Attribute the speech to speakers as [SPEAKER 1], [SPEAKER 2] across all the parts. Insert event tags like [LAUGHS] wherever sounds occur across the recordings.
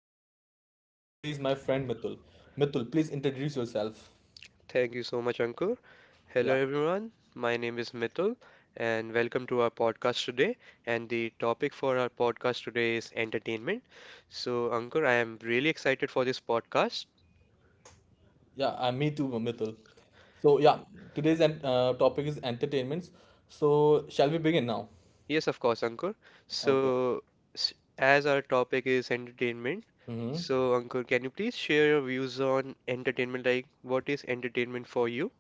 [SPEAKER 1] is Ankur and with me is my friend Mitul. Mitul, please introduce yourself.
[SPEAKER 2] Thank you so much, Ankur. Hello,
[SPEAKER 1] Yeah,
[SPEAKER 2] everyone. My name is Mithul, and welcome to our podcast today. And the topic for our podcast today is entertainment. So, Ankur, I am really excited for this podcast.
[SPEAKER 1] yeah, me too, Mitul. So yeah, today's topic is entertainments. So shall we begin now?
[SPEAKER 2] Yes, of course, Ankur.
[SPEAKER 1] Okay.
[SPEAKER 2] So, s- as our topic is entertainment,
[SPEAKER 1] Mm-hmm.
[SPEAKER 2] so Ankur, can you please share your views on entertainment? Like, what is entertainment for you?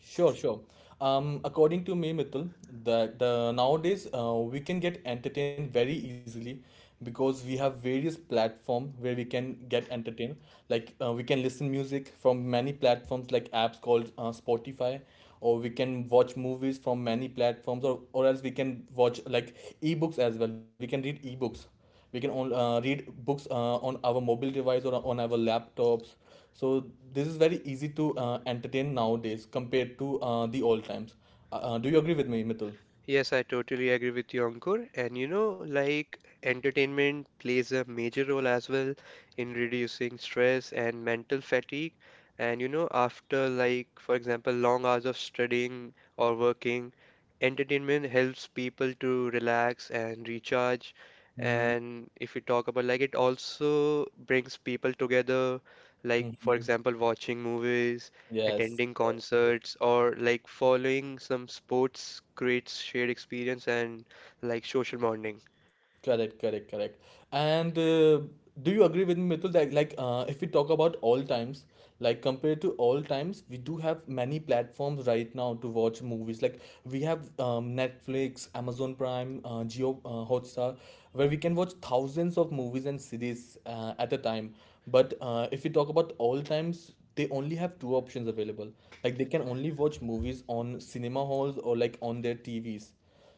[SPEAKER 1] Sure, sure. According to me, Mitul, the nowadays we can get entertained very easily because we have various platform where we can get entertained. Like we can listen music from many platforms, like apps called Spotify, or we can watch movies from many platforms, or else we can watch like ebooks as well. We can read ebooks, we can only read books on our mobile device or on our laptops. So this is very easy to entertain nowadays compared to the old times. Do you agree with me, Mitul?
[SPEAKER 2] Yes, I totally agree with you, Ankur. And you know, like entertainment plays a major role as well in reducing stress and mental fatigue. And you know, after like, for example, long hours of studying or working, entertainment helps people to relax and recharge.
[SPEAKER 1] Mm-hmm.
[SPEAKER 2] And if we talk about like, it also brings people together, like, for
[SPEAKER 1] Mm-hmm.
[SPEAKER 2] example, watching movies,
[SPEAKER 1] Yes,
[SPEAKER 2] attending
[SPEAKER 1] yes.
[SPEAKER 2] concerts or like following some sports creates shared experience and like social bonding.
[SPEAKER 1] Correct, correct, correct. And do you agree with me, Mitul, that like if we talk about all times, like compared to all times, we do have many platforms right now to watch movies. Like we have Netflix, Amazon Prime, Geo Hotstar, where we can watch thousands of movies and series at a time. But if we talk about all times, they only have two options available. Like they can only watch movies on cinema halls or like on their TVs.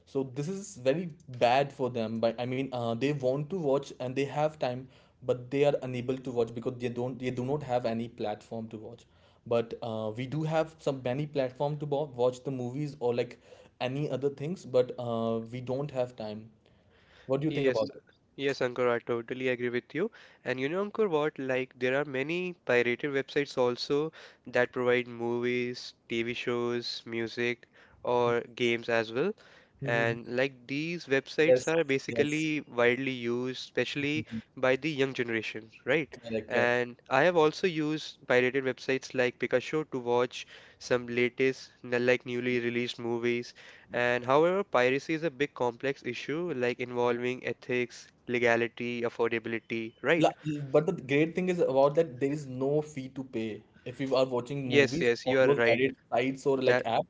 [SPEAKER 1] So this is very bad for them, but I mean they want to watch and they have time but they are unable to watch because they do not have any platform to watch. But we do have some many platform to watch the movies or like any other things, but we don't have time. What do you think about
[SPEAKER 2] Yes,
[SPEAKER 1] it?
[SPEAKER 2] yes, Ankur, I totally agree with you. And you know, Ankur, what? Like, there are many pirated websites also that provide movies, TV shows, music, or games as well.
[SPEAKER 1] Mhm.
[SPEAKER 2] And like these websites
[SPEAKER 1] Yes,
[SPEAKER 2] are
[SPEAKER 1] yes.
[SPEAKER 2] basically widely used, especially
[SPEAKER 1] Mhm.
[SPEAKER 2] by the young generation, right?
[SPEAKER 1] Correct, correct.
[SPEAKER 2] And I have also used pirated websites like Picasho to watch some like newly released movies, and however, piracy is a big complex issue, like involving ethics, legality, affordability, right?
[SPEAKER 1] La- But the great thing is about that there is no fee to pay. If you are watching
[SPEAKER 2] Yes,
[SPEAKER 1] movies
[SPEAKER 2] yes,
[SPEAKER 1] on
[SPEAKER 2] you are
[SPEAKER 1] those
[SPEAKER 2] right.
[SPEAKER 1] pirate sites or like
[SPEAKER 2] That,
[SPEAKER 1] app,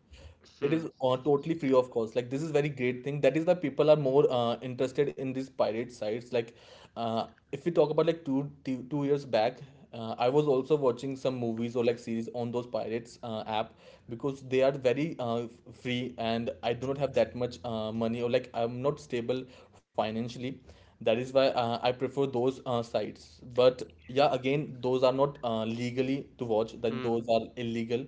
[SPEAKER 1] it
[SPEAKER 2] hmm,
[SPEAKER 1] is totally free of cost. Like this is very great thing. That is why people are more interested in these pirate sites. Like uh, if we talk about like 2 years back, I was also watching some movies or like series on those pirates app because they are very free and I do not have that much money or like I'm not stable financially. That is why I prefer those sites. But yeah, again, those are not legally to watch that,
[SPEAKER 2] hmm,
[SPEAKER 1] those are illegal.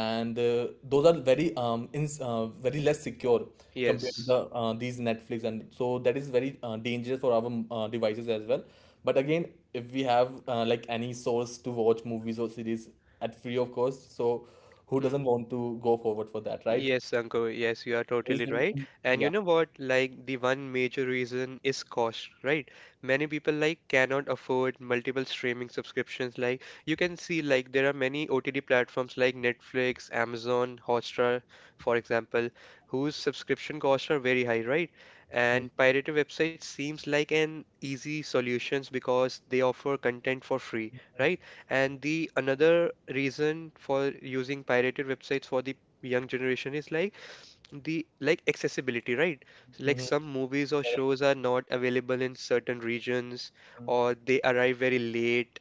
[SPEAKER 1] And those are very very less secure compared to the
[SPEAKER 2] yes,
[SPEAKER 1] these Netflix and so. That is very dangerous for our devices as well. But again, if we have like any source to watch movies or series at free of cost, so who
[SPEAKER 2] hmm.
[SPEAKER 1] doesn't want to go forward for that, right?
[SPEAKER 2] Yes, Ankur, yes, you are
[SPEAKER 1] Is
[SPEAKER 2] totally right. And you
[SPEAKER 1] Yeah.
[SPEAKER 2] know what? Like the one major reason is cost, right? Many people like cannot afford multiple streaming subscriptions. Like you can see like there are many OTT platforms like Netflix, Amazon, Hotstar, for example, whose subscription costs are very high, right?
[SPEAKER 1] Mm-hmm.
[SPEAKER 2] And pirated websites seems like an easy solutions because they offer content for free, right? And the another reason for using pirated websites for the young generation is like the like accessibility, right? So like
[SPEAKER 1] Mm-hmm.
[SPEAKER 2] some movies or
[SPEAKER 1] Correct.
[SPEAKER 2] shows are not available in certain regions or they arrive very late,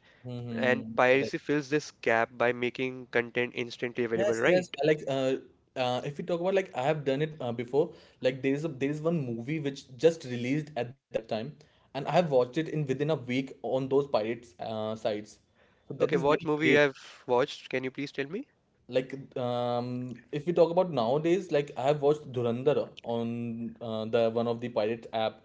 [SPEAKER 2] and
[SPEAKER 1] Mm-hmm.
[SPEAKER 2] piracy fills this gap by making content instantly available,
[SPEAKER 1] Yes, yes.
[SPEAKER 2] right?
[SPEAKER 1] Like, if we talk about like I have done it before. Like there is one movie which just released at that time, and I have watched it in within a week on those pirates sites. So that
[SPEAKER 2] Okay,
[SPEAKER 1] is
[SPEAKER 2] what
[SPEAKER 1] very
[SPEAKER 2] movie you
[SPEAKER 1] great.
[SPEAKER 2] have watched? Can you please tell me?
[SPEAKER 1] Like if we talk about nowadays, like I have watched Dhurandhar on the one of the pirate app,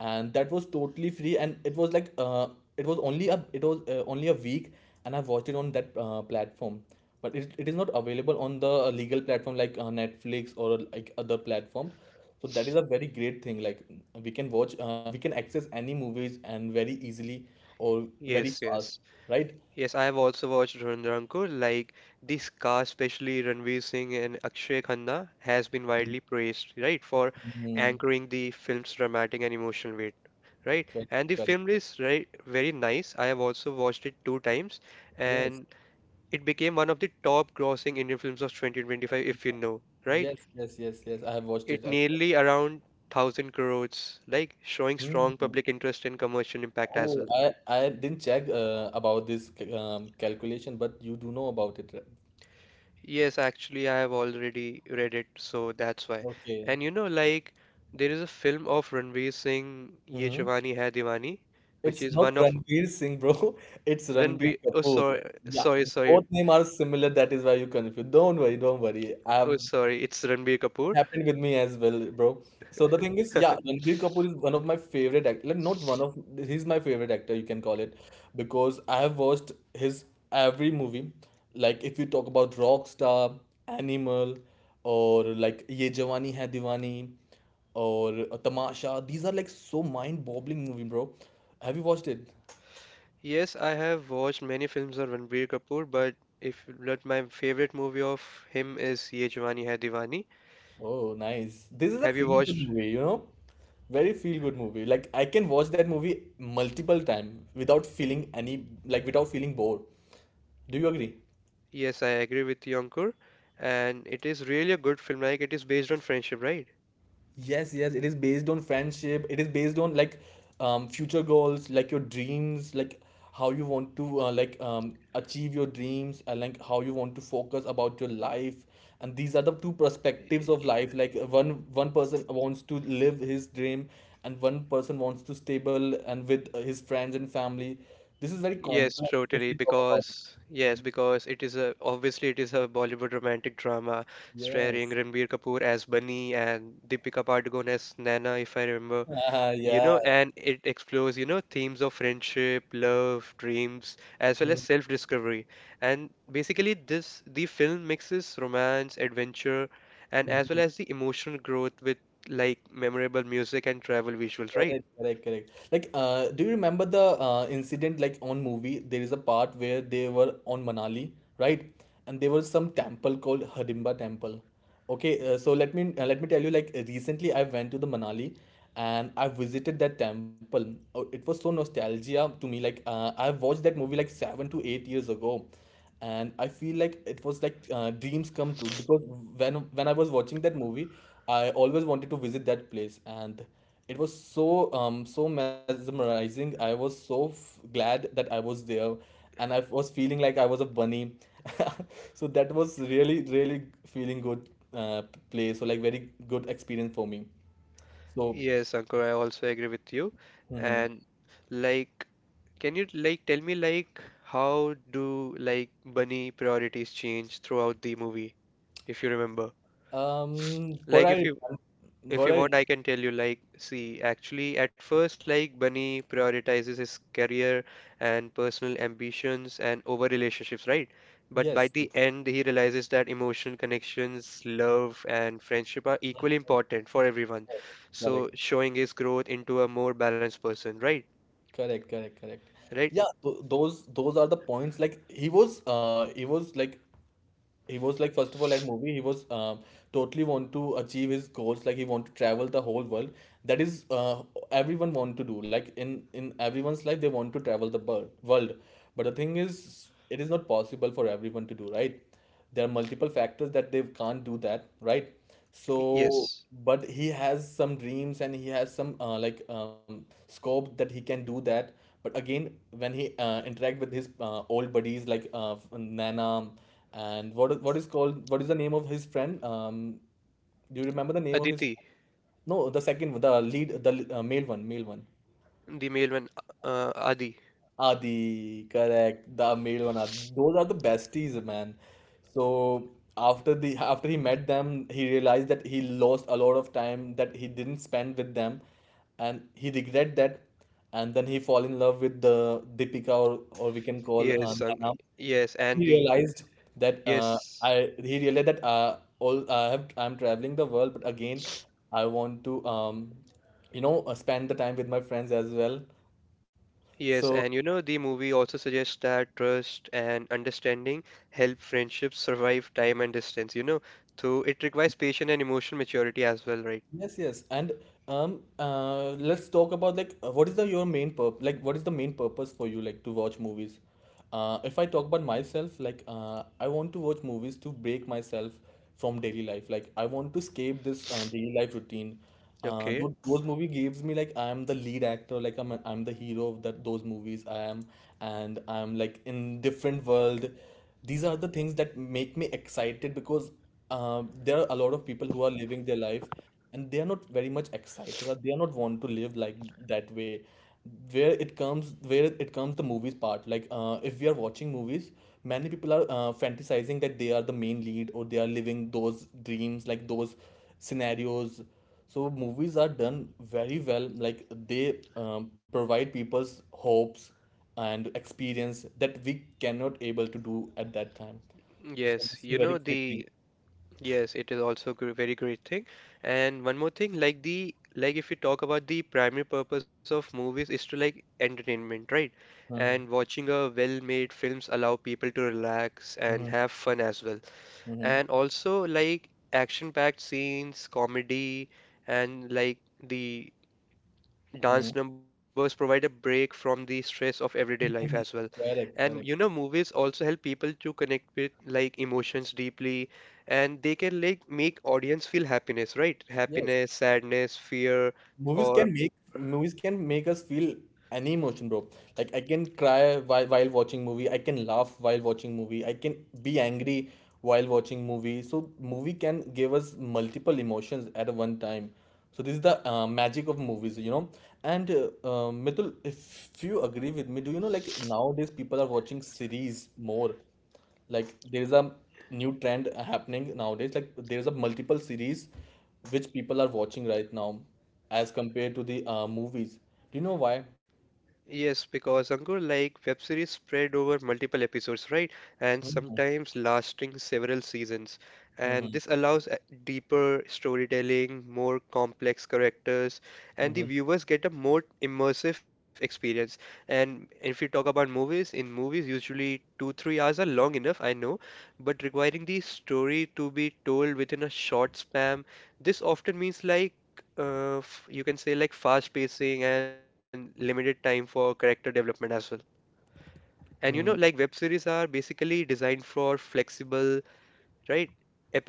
[SPEAKER 1] and that was totally free and it was it was only a week, and I watched it on that platform. But it is not available on the legal platform like Netflix or like other platforms. So that is a very great thing. Like we can watch we can access any movies and very easily or very
[SPEAKER 2] Yes,
[SPEAKER 1] fast,
[SPEAKER 2] yes.
[SPEAKER 1] right?
[SPEAKER 2] Yes, I have also watched Ranrankur. Like this cast, especially Ranveer Singh and Akshay Khanna, has been widely praised, right, for
[SPEAKER 1] Mhm.
[SPEAKER 2] anchoring the film's dramatic and emotional weight, right?
[SPEAKER 1] Correct,
[SPEAKER 2] And the
[SPEAKER 1] correct.
[SPEAKER 2] film is right very nice. I have also watched it two times,
[SPEAKER 1] Yes.
[SPEAKER 2] and it became one of the top-grossing Indian films of 2025, if you know, right?
[SPEAKER 1] Yes, yes, yes, yes. I have watched
[SPEAKER 2] It
[SPEAKER 1] it as well.
[SPEAKER 2] nearly around 1,000 crores, like showing strong
[SPEAKER 1] Hmm.
[SPEAKER 2] public interest and commercial impact as
[SPEAKER 1] Oh,
[SPEAKER 2] well.
[SPEAKER 1] I didn't check about this calculation, but you do know about it, right?
[SPEAKER 2] Yes, actually, I have already read it, so that's why.
[SPEAKER 1] Okay.
[SPEAKER 2] And you know, like, there is a film of Ranveer Singh, Ye
[SPEAKER 1] Hmm.
[SPEAKER 2] Jawani Hai Diwani, which
[SPEAKER 1] It's
[SPEAKER 2] is
[SPEAKER 1] not
[SPEAKER 2] one of
[SPEAKER 1] Ranveer Singh, bro. [LAUGHS] It's Ranbir
[SPEAKER 2] Ranveer. Oh,
[SPEAKER 1] Kapoor. Yeah, both
[SPEAKER 2] sorry.
[SPEAKER 1] name are similar. That is why you confused. Don't worry, don't worry. I
[SPEAKER 2] Oh,
[SPEAKER 1] have
[SPEAKER 2] sorry, it's Ranbir Kapoor.
[SPEAKER 1] happened with me as well, bro. So the thing is, yeah, Ranbir Kapoor is one of my favorite actor. Like, not one of, he's my favorite actor, you can call it, because I have watched his every movie. Like, if you talk about Rockstar, Animal, or like Ye Jawani Hai Diwani, or Tamasha, these are like so mind-boggling movie, bro. Have you watched it?
[SPEAKER 2] Yes, I have watched many films of Ranbir Kapoor, but if but my favorite movie of him is Ye Jawani Hai Diwani.
[SPEAKER 1] Oh, nice. This is a
[SPEAKER 2] Have you
[SPEAKER 1] feel-good
[SPEAKER 2] watched?
[SPEAKER 1] movie, you know? Very feel-good movie. Like I can watch that movie multiple time without feeling any like without feeling bored. Do you agree?
[SPEAKER 2] Yes, I agree with you, Ankur. And it is really a good film. Like, it is based on friendship, right?
[SPEAKER 1] Yes, yes, it is based on friendship. It is based on like future goals, like your dreams, like how you want to achieve your dreams, and like how you want to focus about your life. And these are the two perspectives of life. Like one person wants to live his dream, and one person wants to stable and with his friends and family. This is very
[SPEAKER 2] Yes,
[SPEAKER 1] complex if
[SPEAKER 2] totally.
[SPEAKER 1] we talk about it.
[SPEAKER 2] Because because it is a obviously it is a Bollywood romantic drama starring
[SPEAKER 1] Yes.
[SPEAKER 2] Ranbir Kapoor as Bunny and Deepika Padukone as Naina, if I remember.
[SPEAKER 1] [LAUGHS]
[SPEAKER 2] You
[SPEAKER 1] Yeah.
[SPEAKER 2] know, and it explores, you know, themes of friendship, love, dreams, as well
[SPEAKER 1] Mm-hmm.
[SPEAKER 2] as self-discovery. And basically this the film mixes romance, adventure, and as well as the emotional growth with like memorable music and travel visuals, right?
[SPEAKER 1] Correct, correct, correct. Like, do you remember the incident like on movie? There is a part where they were on Manali, right? And there was some temple called Hidimba Temple. Okay, so let me let me tell you. Like recently, I went to the Manali, and I visited that temple. Oh, it was so nostalgia to me. Like, I watched that movie like 7 to 8 years ago, and I feel like it was like dreams come true because when I was watching that movie, I always wanted to visit that place, and it was so so mesmerizing. I was so f glad that I was there, and I was feeling like I was a bunny. [LAUGHS] So that was really really feeling good uh, place. So like very good experience for me. So
[SPEAKER 2] Yes, Ankur, I also agree with you.
[SPEAKER 1] mhm.
[SPEAKER 2] And like, can you like tell me like how do like Bunny priorities change throughout the movie, if you remember?
[SPEAKER 1] Um, what
[SPEAKER 2] Like, if
[SPEAKER 1] I
[SPEAKER 2] you if
[SPEAKER 1] what
[SPEAKER 2] you
[SPEAKER 1] I
[SPEAKER 2] want, I can tell you, like, see, actually, at first, like, Bunny prioritizes his career and personal ambitions and over relationships, right? But by
[SPEAKER 1] yes, yes,
[SPEAKER 2] the end, he realizes that emotional connections, love, and friendship are equally important for everyone.
[SPEAKER 1] yes, correct.
[SPEAKER 2] So, showing his growth into a more balanced person, right?
[SPEAKER 1] Correct, correct, correct.
[SPEAKER 2] Right?
[SPEAKER 1] Yeah, th those are the points. Like he was like first of all at movie he was totally want to achieve his goals. Like he want to travel the whole world. That is, everyone want to do. Like in everyone's life they want to travel the world. But the thing is, it is not possible for everyone to do, right? There are multiple factors that they can't do that, right? So,
[SPEAKER 2] Yes.
[SPEAKER 1] but he has some dreams and he has some scope that he can do that. But again, when he interact with his old buddies like Nana and what is the name of his friend? Do you remember the name of his?
[SPEAKER 2] Aditi,
[SPEAKER 1] No, the second, the lead, the male one, male one.
[SPEAKER 2] the male one, Adi.
[SPEAKER 1] Adi, correct. The male one. Adi. Those are the besties, man. So after he met them, he realized that he lost a lot of time that he didn't spend with them, and he regret that. And then he fall in love with the Deepika or we can call
[SPEAKER 2] Yes, um,
[SPEAKER 1] Nana.
[SPEAKER 2] yes, and
[SPEAKER 1] He
[SPEAKER 2] the,
[SPEAKER 1] realized that
[SPEAKER 2] yes.
[SPEAKER 1] I he realized that all I have I'm traveling the world, but again, I want to spend the time with my friends as well.
[SPEAKER 2] Yes,
[SPEAKER 1] So
[SPEAKER 2] and you know, the movie also suggests that trust and understanding help friendships survive time and distance, you know, so it requires patience and emotional maturity as well, right?
[SPEAKER 1] yes, yes. And let's talk about like what is the your main purpose, like what is the main purpose for you like to watch movies? If I talk about myself, like I want to watch movies to break myself from daily life. Like I want to escape this daily life routine.
[SPEAKER 2] Okay.
[SPEAKER 1] Those movie gives me like I am the lead actor, like I'm the hero of that those movies I am, and I'm like in different world. These are the things that make me excited because there are a lot of people who are living their life and they are not very much excited or they are not want to live like that way. Where it comes the movies part, like if we are watching movies, many people are fantasizing that they are the main lead or they are living those dreams like those scenarios. So movies are done very well, like they provide people's hopes and experience that we cannot able to do at that time. So
[SPEAKER 2] Yes,
[SPEAKER 1] this is a
[SPEAKER 2] you know
[SPEAKER 1] very great thing.
[SPEAKER 2] the yes, it is also a very great thing. And one more thing, like the like if we talk about the primary purpose of movies is to like entertainment, right? And
[SPEAKER 1] Hmm.
[SPEAKER 2] watching a well-made films allow people to relax
[SPEAKER 1] Hmm.
[SPEAKER 2] and have fun as well.
[SPEAKER 1] Hmm.
[SPEAKER 2] And also like action-packed scenes, comedy, and like the
[SPEAKER 1] Hmm.
[SPEAKER 2] dance numbers provide a break from the stress of everyday
[SPEAKER 1] [LAUGHS]
[SPEAKER 2] life
[SPEAKER 1] Mhm.
[SPEAKER 2] as well.
[SPEAKER 1] Correct,
[SPEAKER 2] And
[SPEAKER 1] correct.
[SPEAKER 2] you know, movies also help people to connect with like emotions deeply, and they can like make audience feel happiness, right?
[SPEAKER 1] Yes,
[SPEAKER 2] Happiness, sadness, fear, or
[SPEAKER 1] movies can make us feel any emotion, bro. Like I can cry while watching movie. I can laugh while watching movie. I can be angry while watching movie. So movie can give us multiple emotions at one time. So this is the magic of movies, you know. And Mitul, if you agree with me, do you know like nowadays people are watching series more? Like there is a new trend happening nowadays, like there's a multiple series which people are watching right now as compared to the movies. Do you know why?
[SPEAKER 2] yes, because Ankur, like web series spread over multiple episodes, right? And
[SPEAKER 1] Mhm,
[SPEAKER 2] sometimes lasting several seasons. And
[SPEAKER 1] mhm,
[SPEAKER 2] this allows deeper storytelling, more complex characters, and the
[SPEAKER 1] mhm,
[SPEAKER 2] viewers get a more immersive experience. And if you talk about movies, in movies, usually two, 3 hours are long enough, I know, but requiring the story to be told within a short span, this often means like you can say like fast pacing and limited time for character development as well. And you know, like
[SPEAKER 1] mhm,
[SPEAKER 2] web series are basically designed for flexible, right,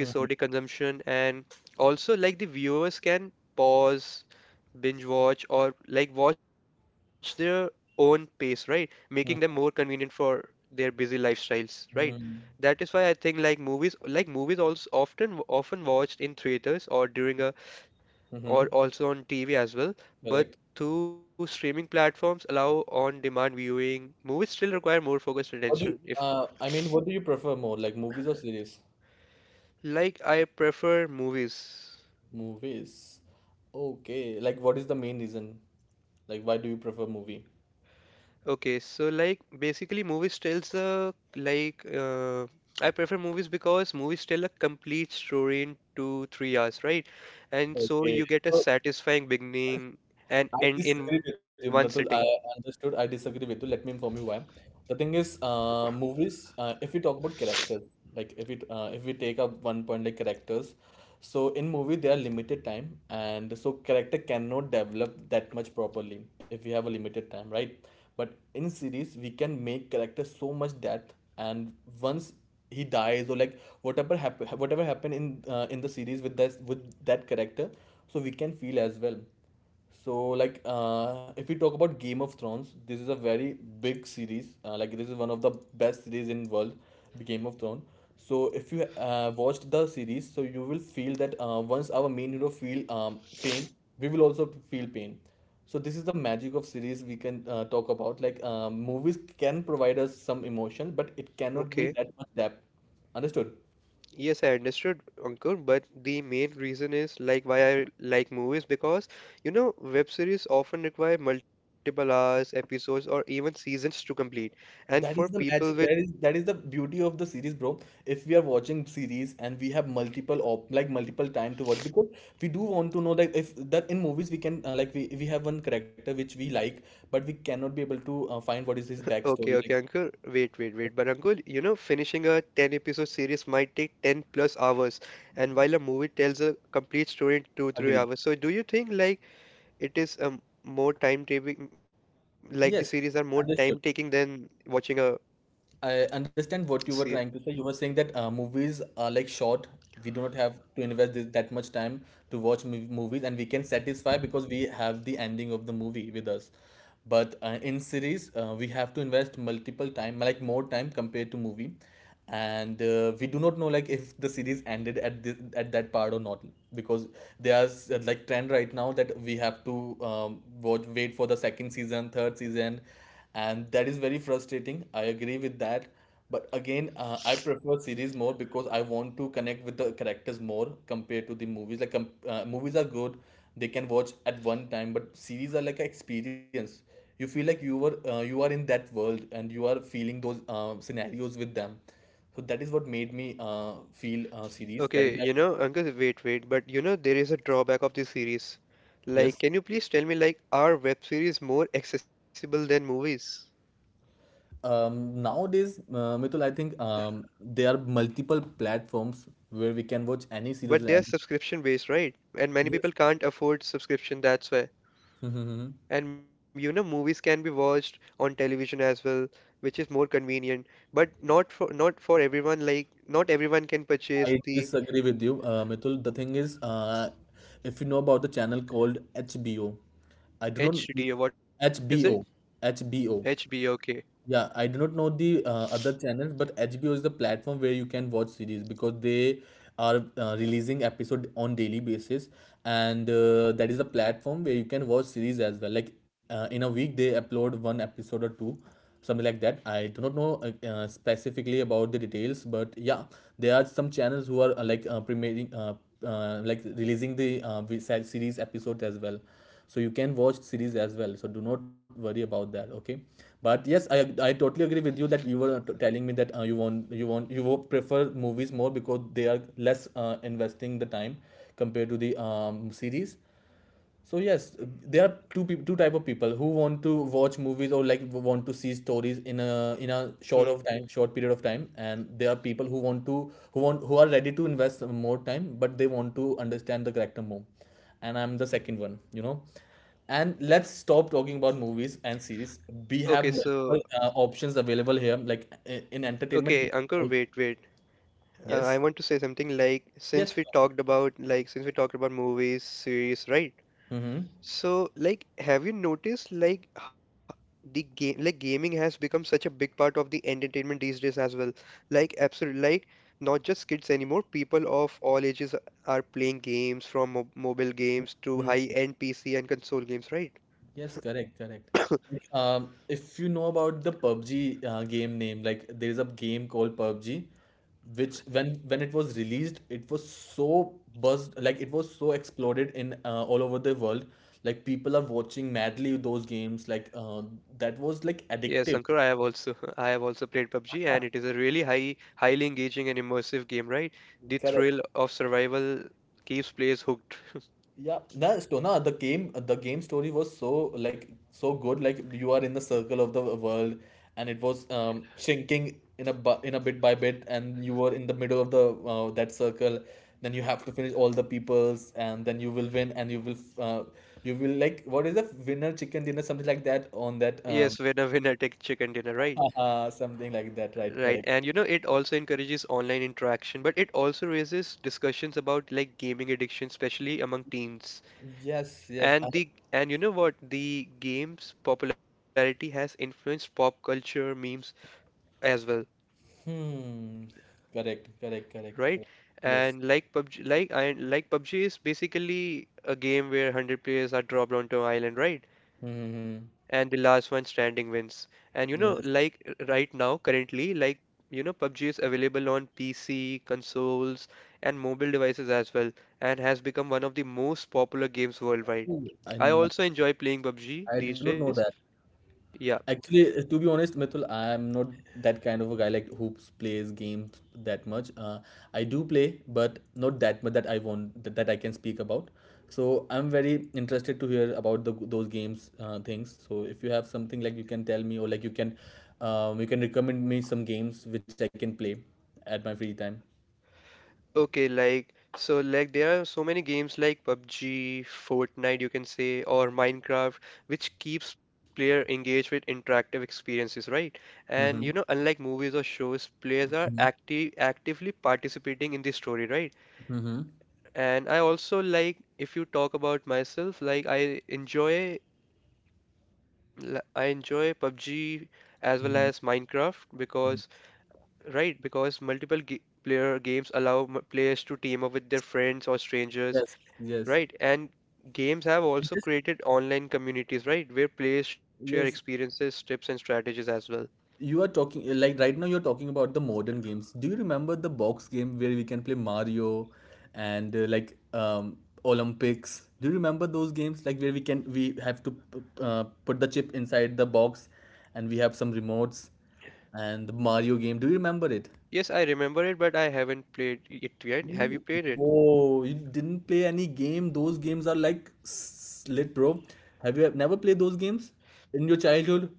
[SPEAKER 1] mhm,
[SPEAKER 2] consumption, and also like the viewers can pause, binge watch, or like watch their own pace, right, making them more
[SPEAKER 1] mhm,
[SPEAKER 2] convenient for their busy lifestyles, right?
[SPEAKER 1] mhm,
[SPEAKER 2] That is why I think like movies also often watched in theaters or during a or
[SPEAKER 1] mhm.
[SPEAKER 2] also on TV as well.
[SPEAKER 1] Correct.
[SPEAKER 2] But through streaming platforms allow on-demand viewing, movies still require more focused
[SPEAKER 1] What do you,
[SPEAKER 2] attention. If
[SPEAKER 1] I mean, what do you prefer more, like movies or series?
[SPEAKER 2] like I prefer movies.
[SPEAKER 1] Movies. Okay, like what is the main reason, like why do you prefer movie?
[SPEAKER 2] Okay, so like basically movies tells a like I prefer movies because movies tell a complete story in two, 3 hours, right? And so
[SPEAKER 1] Okay,
[SPEAKER 2] you get a
[SPEAKER 1] so
[SPEAKER 2] satisfying beginning and
[SPEAKER 1] I
[SPEAKER 2] end in
[SPEAKER 1] disagree
[SPEAKER 2] one
[SPEAKER 1] with you,
[SPEAKER 2] sitting.
[SPEAKER 1] Mitul. I understood. I disagree with you. Let me inform you why. The thing is, movies. If we talk about characters, like if it, if we take up one point like characters, so in movie there are limited time, and so character cannot develop that much properly if we have a limited time, right? But in series, we can make character so much depth, and once he dies or like whatever happened in the series with that character, so we can feel as well. So, like, if we talk about Game of Thrones, this is a very big series. Like, this is one of the best series in world, the Game of Thrones. So, if you watched the series, so you will feel that once our main hero feel pain, we will also feel pain. So, this is the magic of series we can talk about. Like, movies can provide us some emotion, but it cannot
[SPEAKER 2] Okay.
[SPEAKER 1] be that much depth. Understood?
[SPEAKER 2] Yes, I understood, Ankur, but the main reason is like why I like movies because you know web series often require multiple hours, episodes, or even seasons to complete. And for
[SPEAKER 1] That is the
[SPEAKER 2] people with
[SPEAKER 1] magic. That is the beauty of the series, bro. If we are watching series and we have multiple op like multiple time to watch, because we do want to know that if that in movies we can, like we have one character which we like, but we cannot be able to find what is his
[SPEAKER 2] okay, okay,
[SPEAKER 1] backstory.
[SPEAKER 2] Ankur,
[SPEAKER 1] Like
[SPEAKER 2] wait, but Ankur, you know finishing a 10 episode series might take 10 plus hours, and while a movie tells a complete story in two, three
[SPEAKER 1] agree.
[SPEAKER 2] hours. So do you think like it is more time taking, like the series are more
[SPEAKER 1] Yes,
[SPEAKER 2] time taking
[SPEAKER 1] understood.
[SPEAKER 2] than watching a
[SPEAKER 1] I understand what you were
[SPEAKER 2] series?
[SPEAKER 1] trying to say. You were saying that movies are like short. We do not have to invest this, that much time to watch movies, and we can satisfy because we have the ending of the movie with us. But in series, we have to invest multiple time, like more time compared to movie. And we do not know like if the series ended at this at that part or not, because there is, like, trend right now that we have to watch, wait for the second season, third season, and that is very frustrating. I agree with that. But again, I prefer series more because I want to connect with the characters more compared to the movies. Like movies are good, they can watch at one time, but series are like an experience. You feel like you are in that world and you are feeling those scenarios with them. So that is what made me feel series, that is.
[SPEAKER 2] Okay, you know, Uncle, but you know, there is a drawback of this series. Like,
[SPEAKER 1] Yes.
[SPEAKER 2] can you please tell me, like, are web series more accessible than movies?
[SPEAKER 1] um, Nowadays, Mitul, I think there are multiple platforms where we can watch any series
[SPEAKER 2] But they
[SPEAKER 1] and
[SPEAKER 2] are
[SPEAKER 1] any.
[SPEAKER 2] subscription based, right? And many people
[SPEAKER 1] Yes.
[SPEAKER 2] can't afford subscription, that's why.
[SPEAKER 1] Mhm.
[SPEAKER 2] And you know, movies can be watched on television as well, which is more convenient, but not for everyone. Like, not everyone can purchase
[SPEAKER 1] I
[SPEAKER 2] the
[SPEAKER 1] disagree with you, Mithul. The thing is, if you know about the channel called HBO, I do not.
[SPEAKER 2] HD. What is it?
[SPEAKER 1] HBO.
[SPEAKER 2] HBO.
[SPEAKER 1] HBO.
[SPEAKER 2] Okay.
[SPEAKER 1] Yeah, I do not know the other channels, but HBO is the platform where you can watch series, because they are releasing episode on daily basis, and that is the platform where you can watch series as well. Like, in a week, they upload one episode or two, something like that. I do not know, specifically about the details, but yeah, there are some channels who are, like, premiering, like releasing the series episodes as well, so you can watch series as well. So do not worry about that, okay? But yes, I totally agree with you that you were telling me that you prefer movies more because they are less investing the time compared to the series. So yes, there are two people, two type of people who want to watch movies or like want to see stories in a short of
[SPEAKER 2] Hmm.
[SPEAKER 1] time, short period of time, and there are people who want to who are ready to invest some more time, but they want to understand the character more. And I'm the second one, you know. And let's stop talking about movies and series. We
[SPEAKER 2] Okay,
[SPEAKER 1] have
[SPEAKER 2] so
[SPEAKER 1] multiple options available here, like in entertainment.
[SPEAKER 2] Okay, Uncle,
[SPEAKER 1] We
[SPEAKER 2] wait. I
[SPEAKER 1] yes,
[SPEAKER 2] want to say something like
[SPEAKER 1] yes.
[SPEAKER 2] since we talked about movies, series, right?
[SPEAKER 1] Mm-hmm.
[SPEAKER 2] So like have you noticed like h- the game like gaming has become such a big part of the entertainment these days as well. Like absolutely like not just kids anymore, people of all ages are playing games from mo mobile games to
[SPEAKER 1] Mm-hmm.
[SPEAKER 2] high-end PC and console games, right?
[SPEAKER 1] Yes, correct, correct. Like, if you know about the PUBG game name, like there is a game called PUBG, which when it was released, it was so buzzed, like it was so exploded in all over the world. Like people are watching madly those games, like that was like
[SPEAKER 2] Yes, Ankur, I
[SPEAKER 1] addictive.
[SPEAKER 2] have also [LAUGHS] I have also played PUBG and it is a really highly engaging and immersive game, right? The
[SPEAKER 1] Correct.
[SPEAKER 2] thrill of survival keeps players hooked.
[SPEAKER 1] Yeah, that's so. No, the game story was so like so good. Like you are in the circle of the world, and it was shrinking in a in a bit by bit, and you were in the middle of the that circle. Then you have to finish all the peoples, and then you will win, and you will, you will like, what is the winner chicken dinner, something like that on that
[SPEAKER 2] Yes, [LAUGHS] winner winner take chicken dinner, right?
[SPEAKER 1] [LAUGHS] something like that, right?
[SPEAKER 2] Right.
[SPEAKER 1] Correct.
[SPEAKER 2] And you know, it also encourages online interaction, but it also raises discussions about like gaming addiction, especially among teens.
[SPEAKER 1] Yes, yes, I.
[SPEAKER 2] And the and you know what? The game's popularity has influenced pop culture, memes as well,
[SPEAKER 1] Hmm. Correct, correct, correct,
[SPEAKER 2] right?
[SPEAKER 1] correct. Yes.
[SPEAKER 2] And like PUBG, like I like PUBG is basically a game where 100 players are dropped onto an island, right?
[SPEAKER 1] Mm-hmm.
[SPEAKER 2] And the last one standing wins. And you know, like
[SPEAKER 1] Yes.
[SPEAKER 2] right now, currently, like you know, PUBG is available on PC, consoles, and mobile devices as well, and has become one of the most popular games worldwide.
[SPEAKER 1] Ooh, I.
[SPEAKER 2] I also enjoy playing PUBG
[SPEAKER 1] I do
[SPEAKER 2] these
[SPEAKER 1] not know
[SPEAKER 2] days.
[SPEAKER 1] that.
[SPEAKER 2] Yeah.
[SPEAKER 1] Actually, to be honest, Mithul, I am not that kind of a guy like who plays games that much. I do play, but not that much that I want that I can speak about. So I'm very interested to hear about the those games things. So if you have something, like you can tell me or like you can recommend me some games which I can play at my free time.
[SPEAKER 2] Okay, like so like there are so many games like PUBG, Fortnite you can say or Minecraft which keeps player engaged with interactive experiences, right? And you know
[SPEAKER 1] Mm-hmm.
[SPEAKER 2] unlike movies or shows, players are
[SPEAKER 1] Mm-hmm.
[SPEAKER 2] actively participating in the story, right?
[SPEAKER 1] Mm-hmm.
[SPEAKER 2] And I also like if you talk about myself, like I enjoy PUBG as well as
[SPEAKER 1] Mm-hmm.
[SPEAKER 2] Minecraft because right because multiple ga player games allow players to team up with their friends or strangers.
[SPEAKER 1] Yes. Yes.
[SPEAKER 2] Right, and games have
[SPEAKER 1] I
[SPEAKER 2] also
[SPEAKER 1] just
[SPEAKER 2] created online communities, right, where players share
[SPEAKER 1] yes.
[SPEAKER 2] experiences, tips, and strategies as well.
[SPEAKER 1] You are talking eh, like right now you're talking about the modern games. Do you remember the box game where we can play Mario and like Olympics? Do you remember those games like where we can we have to put the chip inside the box and we have some remotes and the Mario game. Do you remember it?
[SPEAKER 2] Yes, I remember it, but I haven't played it yet. Have you
[SPEAKER 1] You.
[SPEAKER 2] played it?
[SPEAKER 1] Whoa, you didn't play any game. Those games are like slit, bro. Have you never played those games in your childhood?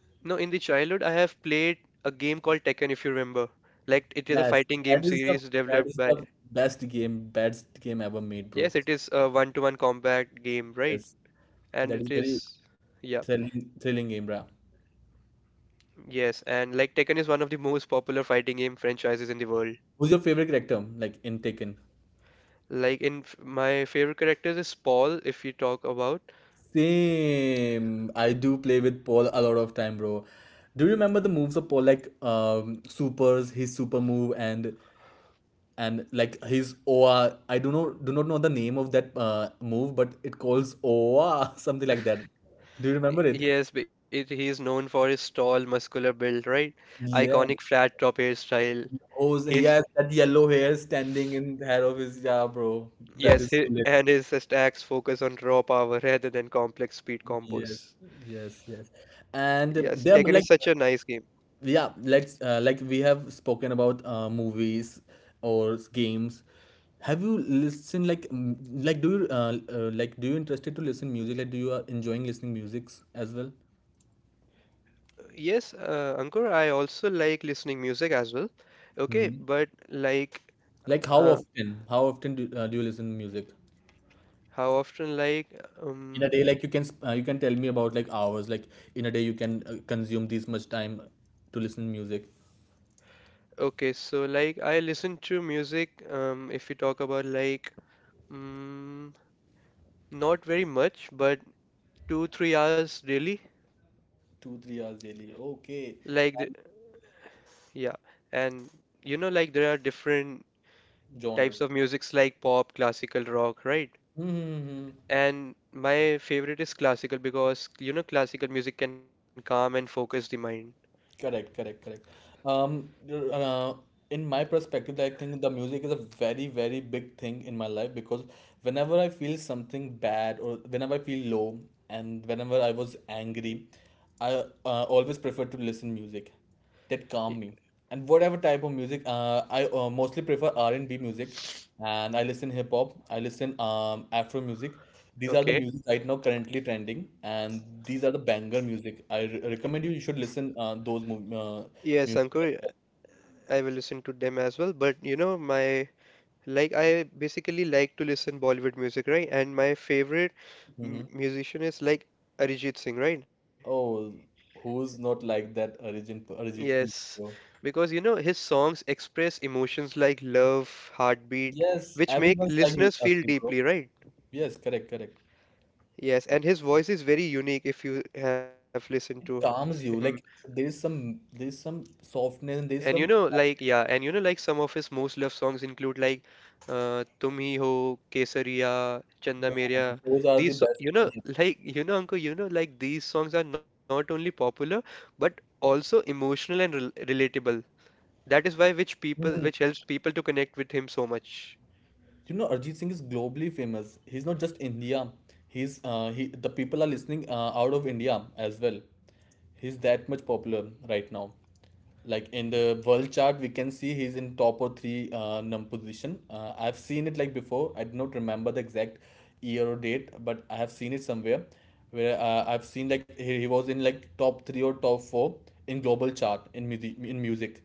[SPEAKER 2] No, in the childhood, I have played a game called Tekken, if you remember. Like, it is a
[SPEAKER 1] Yes,
[SPEAKER 2] fighting
[SPEAKER 1] that
[SPEAKER 2] game
[SPEAKER 1] is the
[SPEAKER 2] series
[SPEAKER 1] that
[SPEAKER 2] developed
[SPEAKER 1] is
[SPEAKER 2] by.
[SPEAKER 1] the best game ever made, bro.
[SPEAKER 2] Yes, it is a one-to-one combat game, right?
[SPEAKER 1] Yes,
[SPEAKER 2] And
[SPEAKER 1] that is
[SPEAKER 2] it
[SPEAKER 1] very
[SPEAKER 2] is. Yeah,
[SPEAKER 1] thrilling, thrilling game, bro.
[SPEAKER 2] yes, and like Tekken is one of the most popular fighting game franchises in the world.
[SPEAKER 1] Who's your favorite character, like in Taken?
[SPEAKER 2] Like, my favorite characters is Paul, if you talk about.
[SPEAKER 1] Same. I do play with Paul a lot of time, bro. Do you remember the moves of Paul, like supers, his super move, and like his OA? I do not know the name of that move, but it calls OA, [LAUGHS] something like that. Do you remember it?
[SPEAKER 2] Yes, he is known for his tall, muscular build, right?
[SPEAKER 1] Yeah.
[SPEAKER 2] Iconic flat top hairstyle.
[SPEAKER 1] Oh, yes,
[SPEAKER 2] His
[SPEAKER 1] that yellow hair standing in the hair of his, yeah, bro. That
[SPEAKER 2] yes,
[SPEAKER 1] is so lit.
[SPEAKER 2] and his attacks focus on raw power [LAUGHS] rather than complex speed
[SPEAKER 1] Yes,
[SPEAKER 2] combos.
[SPEAKER 1] yes, yes. And
[SPEAKER 2] Yes,
[SPEAKER 1] there, are,
[SPEAKER 2] Tekken is
[SPEAKER 1] like,
[SPEAKER 2] such a nice game.
[SPEAKER 1] yeah, let's, like we have spoken about movies or games. Have you listened like like do you interested to listen music? Like, do you are enjoying listening musics as well?
[SPEAKER 2] Yes, Ankur, I also like listening music as well. Okay,
[SPEAKER 1] Hmm.
[SPEAKER 2] but
[SPEAKER 1] Like, how
[SPEAKER 2] uh,
[SPEAKER 1] often? How often do, do you listen music?
[SPEAKER 2] how often?
[SPEAKER 1] In a
[SPEAKER 2] Um,
[SPEAKER 1] day like you can you can tell me about like hours, like in a day you can consume this much time to listen music.
[SPEAKER 2] okay, so like I listen to music. If we talk about mm, not very much, but 2-3 hours daily
[SPEAKER 1] 2 3 hours daily, okay.
[SPEAKER 2] like the, yeah, and you know like there are different types
[SPEAKER 1] Genre.
[SPEAKER 2] of musics like pop classical rock, right?
[SPEAKER 1] Hmm.
[SPEAKER 2] And my favorite is classical because you know classical music can calm and focus the mind.
[SPEAKER 1] Correct, correct, correct. You in my perspective, I think the music is a very, very big thing in my life, because whenever I feel something bad or whenever I feel low and whenever I was angry, I always prefer to listen music. That
[SPEAKER 2] Y-
[SPEAKER 1] calm me. And whatever type of music, I mostly prefer R&B music, and I listen hip hop, I listen afro music. These are the
[SPEAKER 2] okay,
[SPEAKER 1] music right now currently trending. And these are the banger music I recommend you. You should listen
[SPEAKER 2] yes Ankur,
[SPEAKER 1] music.
[SPEAKER 2] I will listen to them as well, but you know my, like I basically like to listen Bollywood music, right? And my favorite m
[SPEAKER 1] Hmm.
[SPEAKER 2] musician is like Arijit Singh, right?
[SPEAKER 1] Oh, who's not like that Arjun Arjit Singh,
[SPEAKER 2] Yes,
[SPEAKER 1] bro?
[SPEAKER 2] because you know his songs express emotions like love, heartbeat,
[SPEAKER 1] Yes,
[SPEAKER 2] which make
[SPEAKER 1] everyone's like you,
[SPEAKER 2] listeners feel
[SPEAKER 1] Arjun, bro.
[SPEAKER 2] deeply, right?
[SPEAKER 1] Yes, correct, correct.
[SPEAKER 2] Yes, and his voice is very unique if you have listened to
[SPEAKER 1] It
[SPEAKER 2] him.
[SPEAKER 1] calms you, like there's some, there's some softness and
[SPEAKER 2] And you
[SPEAKER 1] there's
[SPEAKER 2] know,
[SPEAKER 1] some
[SPEAKER 2] like some of his most loved songs include "Tum Hi Ho," "Kesariya," "Chanda
[SPEAKER 1] damn,
[SPEAKER 2] Meria."
[SPEAKER 1] those are the best.
[SPEAKER 2] You know, like you know, uncle, you know, like these songs are not only popular but also emotional and relatable. That is why which people which
[SPEAKER 1] Mhm.
[SPEAKER 2] helps people to connect with him so much.
[SPEAKER 1] You know, Arjit Singh is globally famous. He's not just India. He's he, the people are listening out of India as well. He's that much popular right now. Like in the world chart, we can see he's in top or three num position. I've seen it like before. I do not remember the exact year or date, but I have seen it somewhere where I've seen like he was in like top three or top four in global chart in music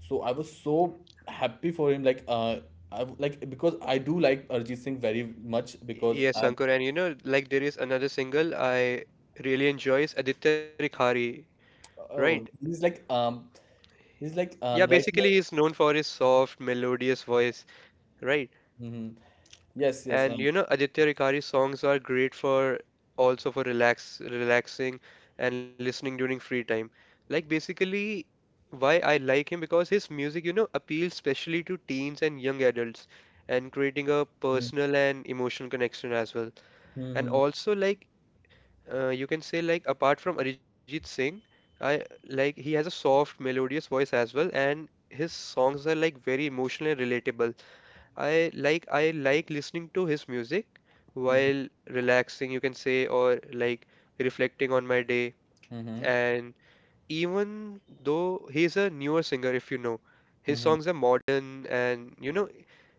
[SPEAKER 1] so I was so happy for him I, w- like because I do like arjit singh very much because
[SPEAKER 2] Yes,
[SPEAKER 1] I
[SPEAKER 2] Ankur, and you know, like there is another single I really enjoy is Aditya Rikhari, right?
[SPEAKER 1] oh he's like
[SPEAKER 2] Yeah,
[SPEAKER 1] right
[SPEAKER 2] basically
[SPEAKER 1] now
[SPEAKER 2] he's known for his soft, melodious voice, right?
[SPEAKER 1] hmm yes
[SPEAKER 2] And you know, Aditya Rikkari's songs are great for also for relaxing and listening during free time. Like basically why I like him because his music, you know, appeals especially to teens and young adults and creating a
[SPEAKER 1] mm-hmm,
[SPEAKER 2] personal and emotional connection as well. And
[SPEAKER 1] mm-hmm,
[SPEAKER 2] also you can say like apart from Arijit Singh, I like he has a soft melodious voice as well and his songs are like very emotional and relatable. I like listening to his music
[SPEAKER 1] mm-hmm,
[SPEAKER 2] while relaxing, you can say, or like reflecting on my day.
[SPEAKER 1] mm-hmm,
[SPEAKER 2] And even though he's a newer singer, if you know, his
[SPEAKER 1] mm-hmm.
[SPEAKER 2] songs are modern and you know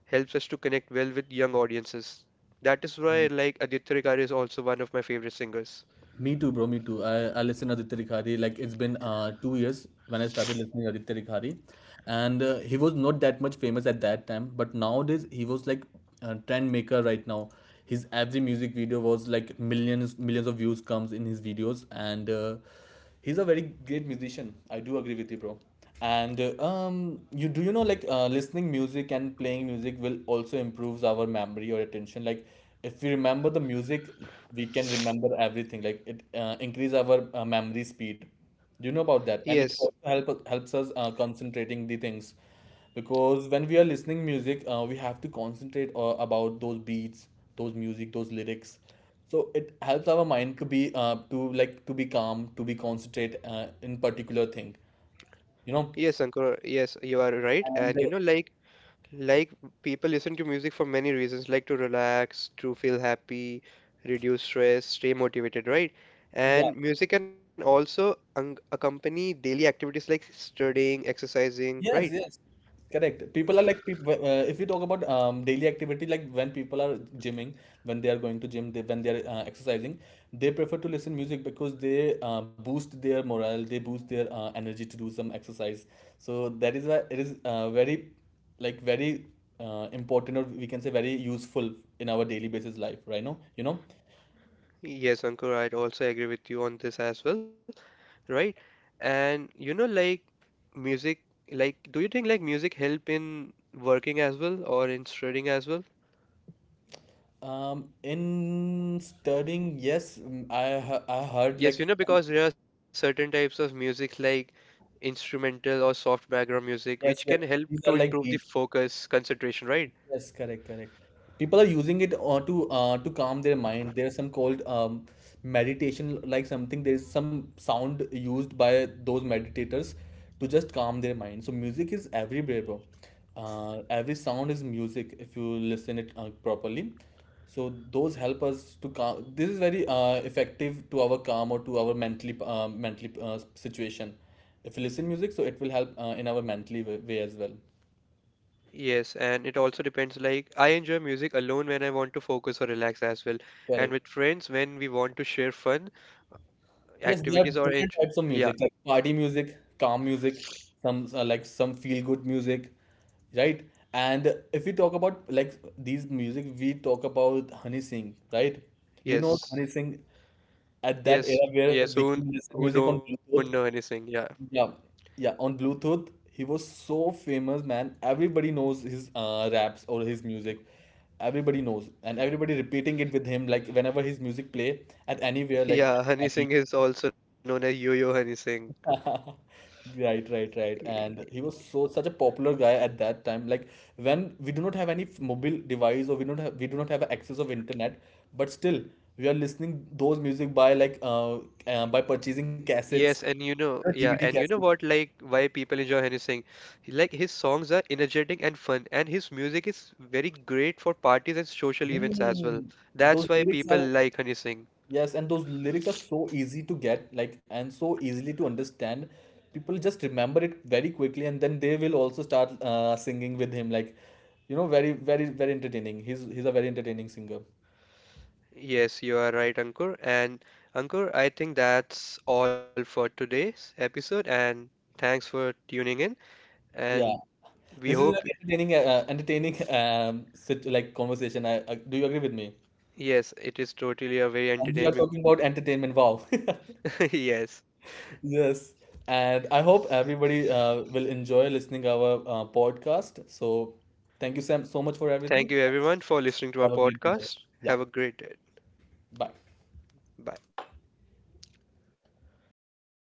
[SPEAKER 2] helps us to connect well with young audiences. That is why like Aditya Rikkar is also one of my favorite singers.
[SPEAKER 1] Me too, bro. Me too. I listen Aditya Rikhari. Like it's been 2 years when I started listening Aditya Rikhari, and he was not that much famous at that time, but nowadays he was like a trend maker right now. His every music video was like millions of views comes in his videos, and he's a very great musician. I do agree with you, bro, and you do you know like listening music and playing music will also improves our memory or attention. Like if we remember the music we can remember everything, like it increase our memory speed. Do you know about that?
[SPEAKER 2] Yes,
[SPEAKER 1] And it also helps us concentrating the things, because when we are listening music we have to concentrate about those beats, those music, those lyrics. So it helps our mind to be to be calm, to be concentrate in particular thing, you
[SPEAKER 2] yes,
[SPEAKER 1] know.
[SPEAKER 2] Ankur, yes, you are right. And you
[SPEAKER 1] And
[SPEAKER 2] know, like people listen to music for many reasons, like to relax, to feel happy, reduce stress, stay motivated, right?
[SPEAKER 1] yeah,
[SPEAKER 2] And music can also accompany daily activities like studying, exercising, right?
[SPEAKER 1] yes, yes, correct. People are like people. If we talk about daily activity, like when people are gymming, when they are going to gym, they when they are exercising, they prefer to listen music because they boost their morale, they boost their energy to do some exercise. So that is why it is very important, or we can say very useful in our daily basis life right now, you know.
[SPEAKER 2] Yes, Ankur, I'd also agree with you on this as well, right? And you know, like music, like do you think like music help in working as well or in studying as well?
[SPEAKER 1] In studying, yes, mm, I heard
[SPEAKER 2] Yes,
[SPEAKER 1] like
[SPEAKER 2] you know, because there are certain types of music like instrumental or soft background music which
[SPEAKER 1] yes,
[SPEAKER 2] can
[SPEAKER 1] yes.
[SPEAKER 2] help to
[SPEAKER 1] These are like
[SPEAKER 2] improve the
[SPEAKER 1] beads.
[SPEAKER 2] focus, concentration, right?
[SPEAKER 1] Yes, correct, correct. People are using it to calm their mind. There's some called meditation, like something. There is some sound used by those meditators to just calm their mind. So music is everywhere, bro. Every sound is music if you listen it properly. So those help us to calm. This is very effective to our calm or to our mentally situation. If you listen music, so it will help in our way as well.
[SPEAKER 2] Yes, and it also depends like I enjoy music alone when I want to focus or relax as well, and
[SPEAKER 1] Correct.
[SPEAKER 2] with friends when we want to share fun
[SPEAKER 1] Yes, there are
[SPEAKER 2] activities or
[SPEAKER 1] different
[SPEAKER 2] enj
[SPEAKER 1] types of
[SPEAKER 2] yeah,
[SPEAKER 1] music, like party music, calm music, some some feel good music, right? And if we talk about like these music, we talk about Honey Singh, right? Do you know
[SPEAKER 2] yes.
[SPEAKER 1] Honey Singh at that
[SPEAKER 2] Yes,
[SPEAKER 1] era where
[SPEAKER 2] yes,
[SPEAKER 1] we can
[SPEAKER 2] who
[SPEAKER 1] listen
[SPEAKER 2] who
[SPEAKER 1] music on
[SPEAKER 2] don't know Honey
[SPEAKER 1] Bluetooth?
[SPEAKER 2] Singh? Yeah.
[SPEAKER 1] Yeah, yeah, on Bluetooth, he was so famous, man. Everybody knows his raps or his music. Everybody knows, and everybody repeating it with him. Like whenever his music play at
[SPEAKER 2] [LAUGHS]
[SPEAKER 1] anywhere, like
[SPEAKER 2] Yeah, Honey
[SPEAKER 1] at
[SPEAKER 2] Singh is also known as Yo-Yo Honey Singh.
[SPEAKER 1] [LAUGHS] right, right, right. And he was so such a popular guy at that time. Like when we do not have any mobile device, or we do not have access of internet, but still we are listening those music by by purchasing
[SPEAKER 2] Yes, and
[SPEAKER 1] cassettes,
[SPEAKER 2] you know,
[SPEAKER 1] you know,
[SPEAKER 2] yeah, and you
[SPEAKER 1] DVD
[SPEAKER 2] know what,
[SPEAKER 1] cassettes.
[SPEAKER 2] like, why people enjoy Hany Singh? Like, his songs are energetic and fun, and his music is very great for parties and social events as
[SPEAKER 1] Hmm.
[SPEAKER 2] well.
[SPEAKER 1] Those
[SPEAKER 2] That's why
[SPEAKER 1] lyrics
[SPEAKER 2] people
[SPEAKER 1] are
[SPEAKER 2] like Hany Singh.
[SPEAKER 1] yes, and those lyrics are so easy to get, like, and so easily to understand. People just remember it very quickly, and then they will also start singing with him. Like, you know, very, very, very entertaining. He's a very entertaining singer.
[SPEAKER 2] Yes, you are right, Ankur. And Ankur, I think that's all for today's episode, and thanks for tuning in. And
[SPEAKER 1] Yeah,
[SPEAKER 2] we
[SPEAKER 1] this is an
[SPEAKER 2] hope,
[SPEAKER 1] entertaining, entertaining sit, like conversation. I do you agree with me?
[SPEAKER 2] yes, it is totally a very
[SPEAKER 1] And we are
[SPEAKER 2] entertaining.
[SPEAKER 1] talking
[SPEAKER 2] [LAUGHS]
[SPEAKER 1] about entertainment. Wow. [LAUGHS]
[SPEAKER 2] Yes.
[SPEAKER 1] Yes, and I hope everybody will enjoy listening our podcast. So, thank you, Sam, so much for
[SPEAKER 2] Thank
[SPEAKER 1] everything.
[SPEAKER 2] you, everyone, for listening to our
[SPEAKER 1] Have a great day.
[SPEAKER 2] podcast.
[SPEAKER 1] Yeah.
[SPEAKER 2] Have a great day.
[SPEAKER 1] Bye.
[SPEAKER 2] Bye.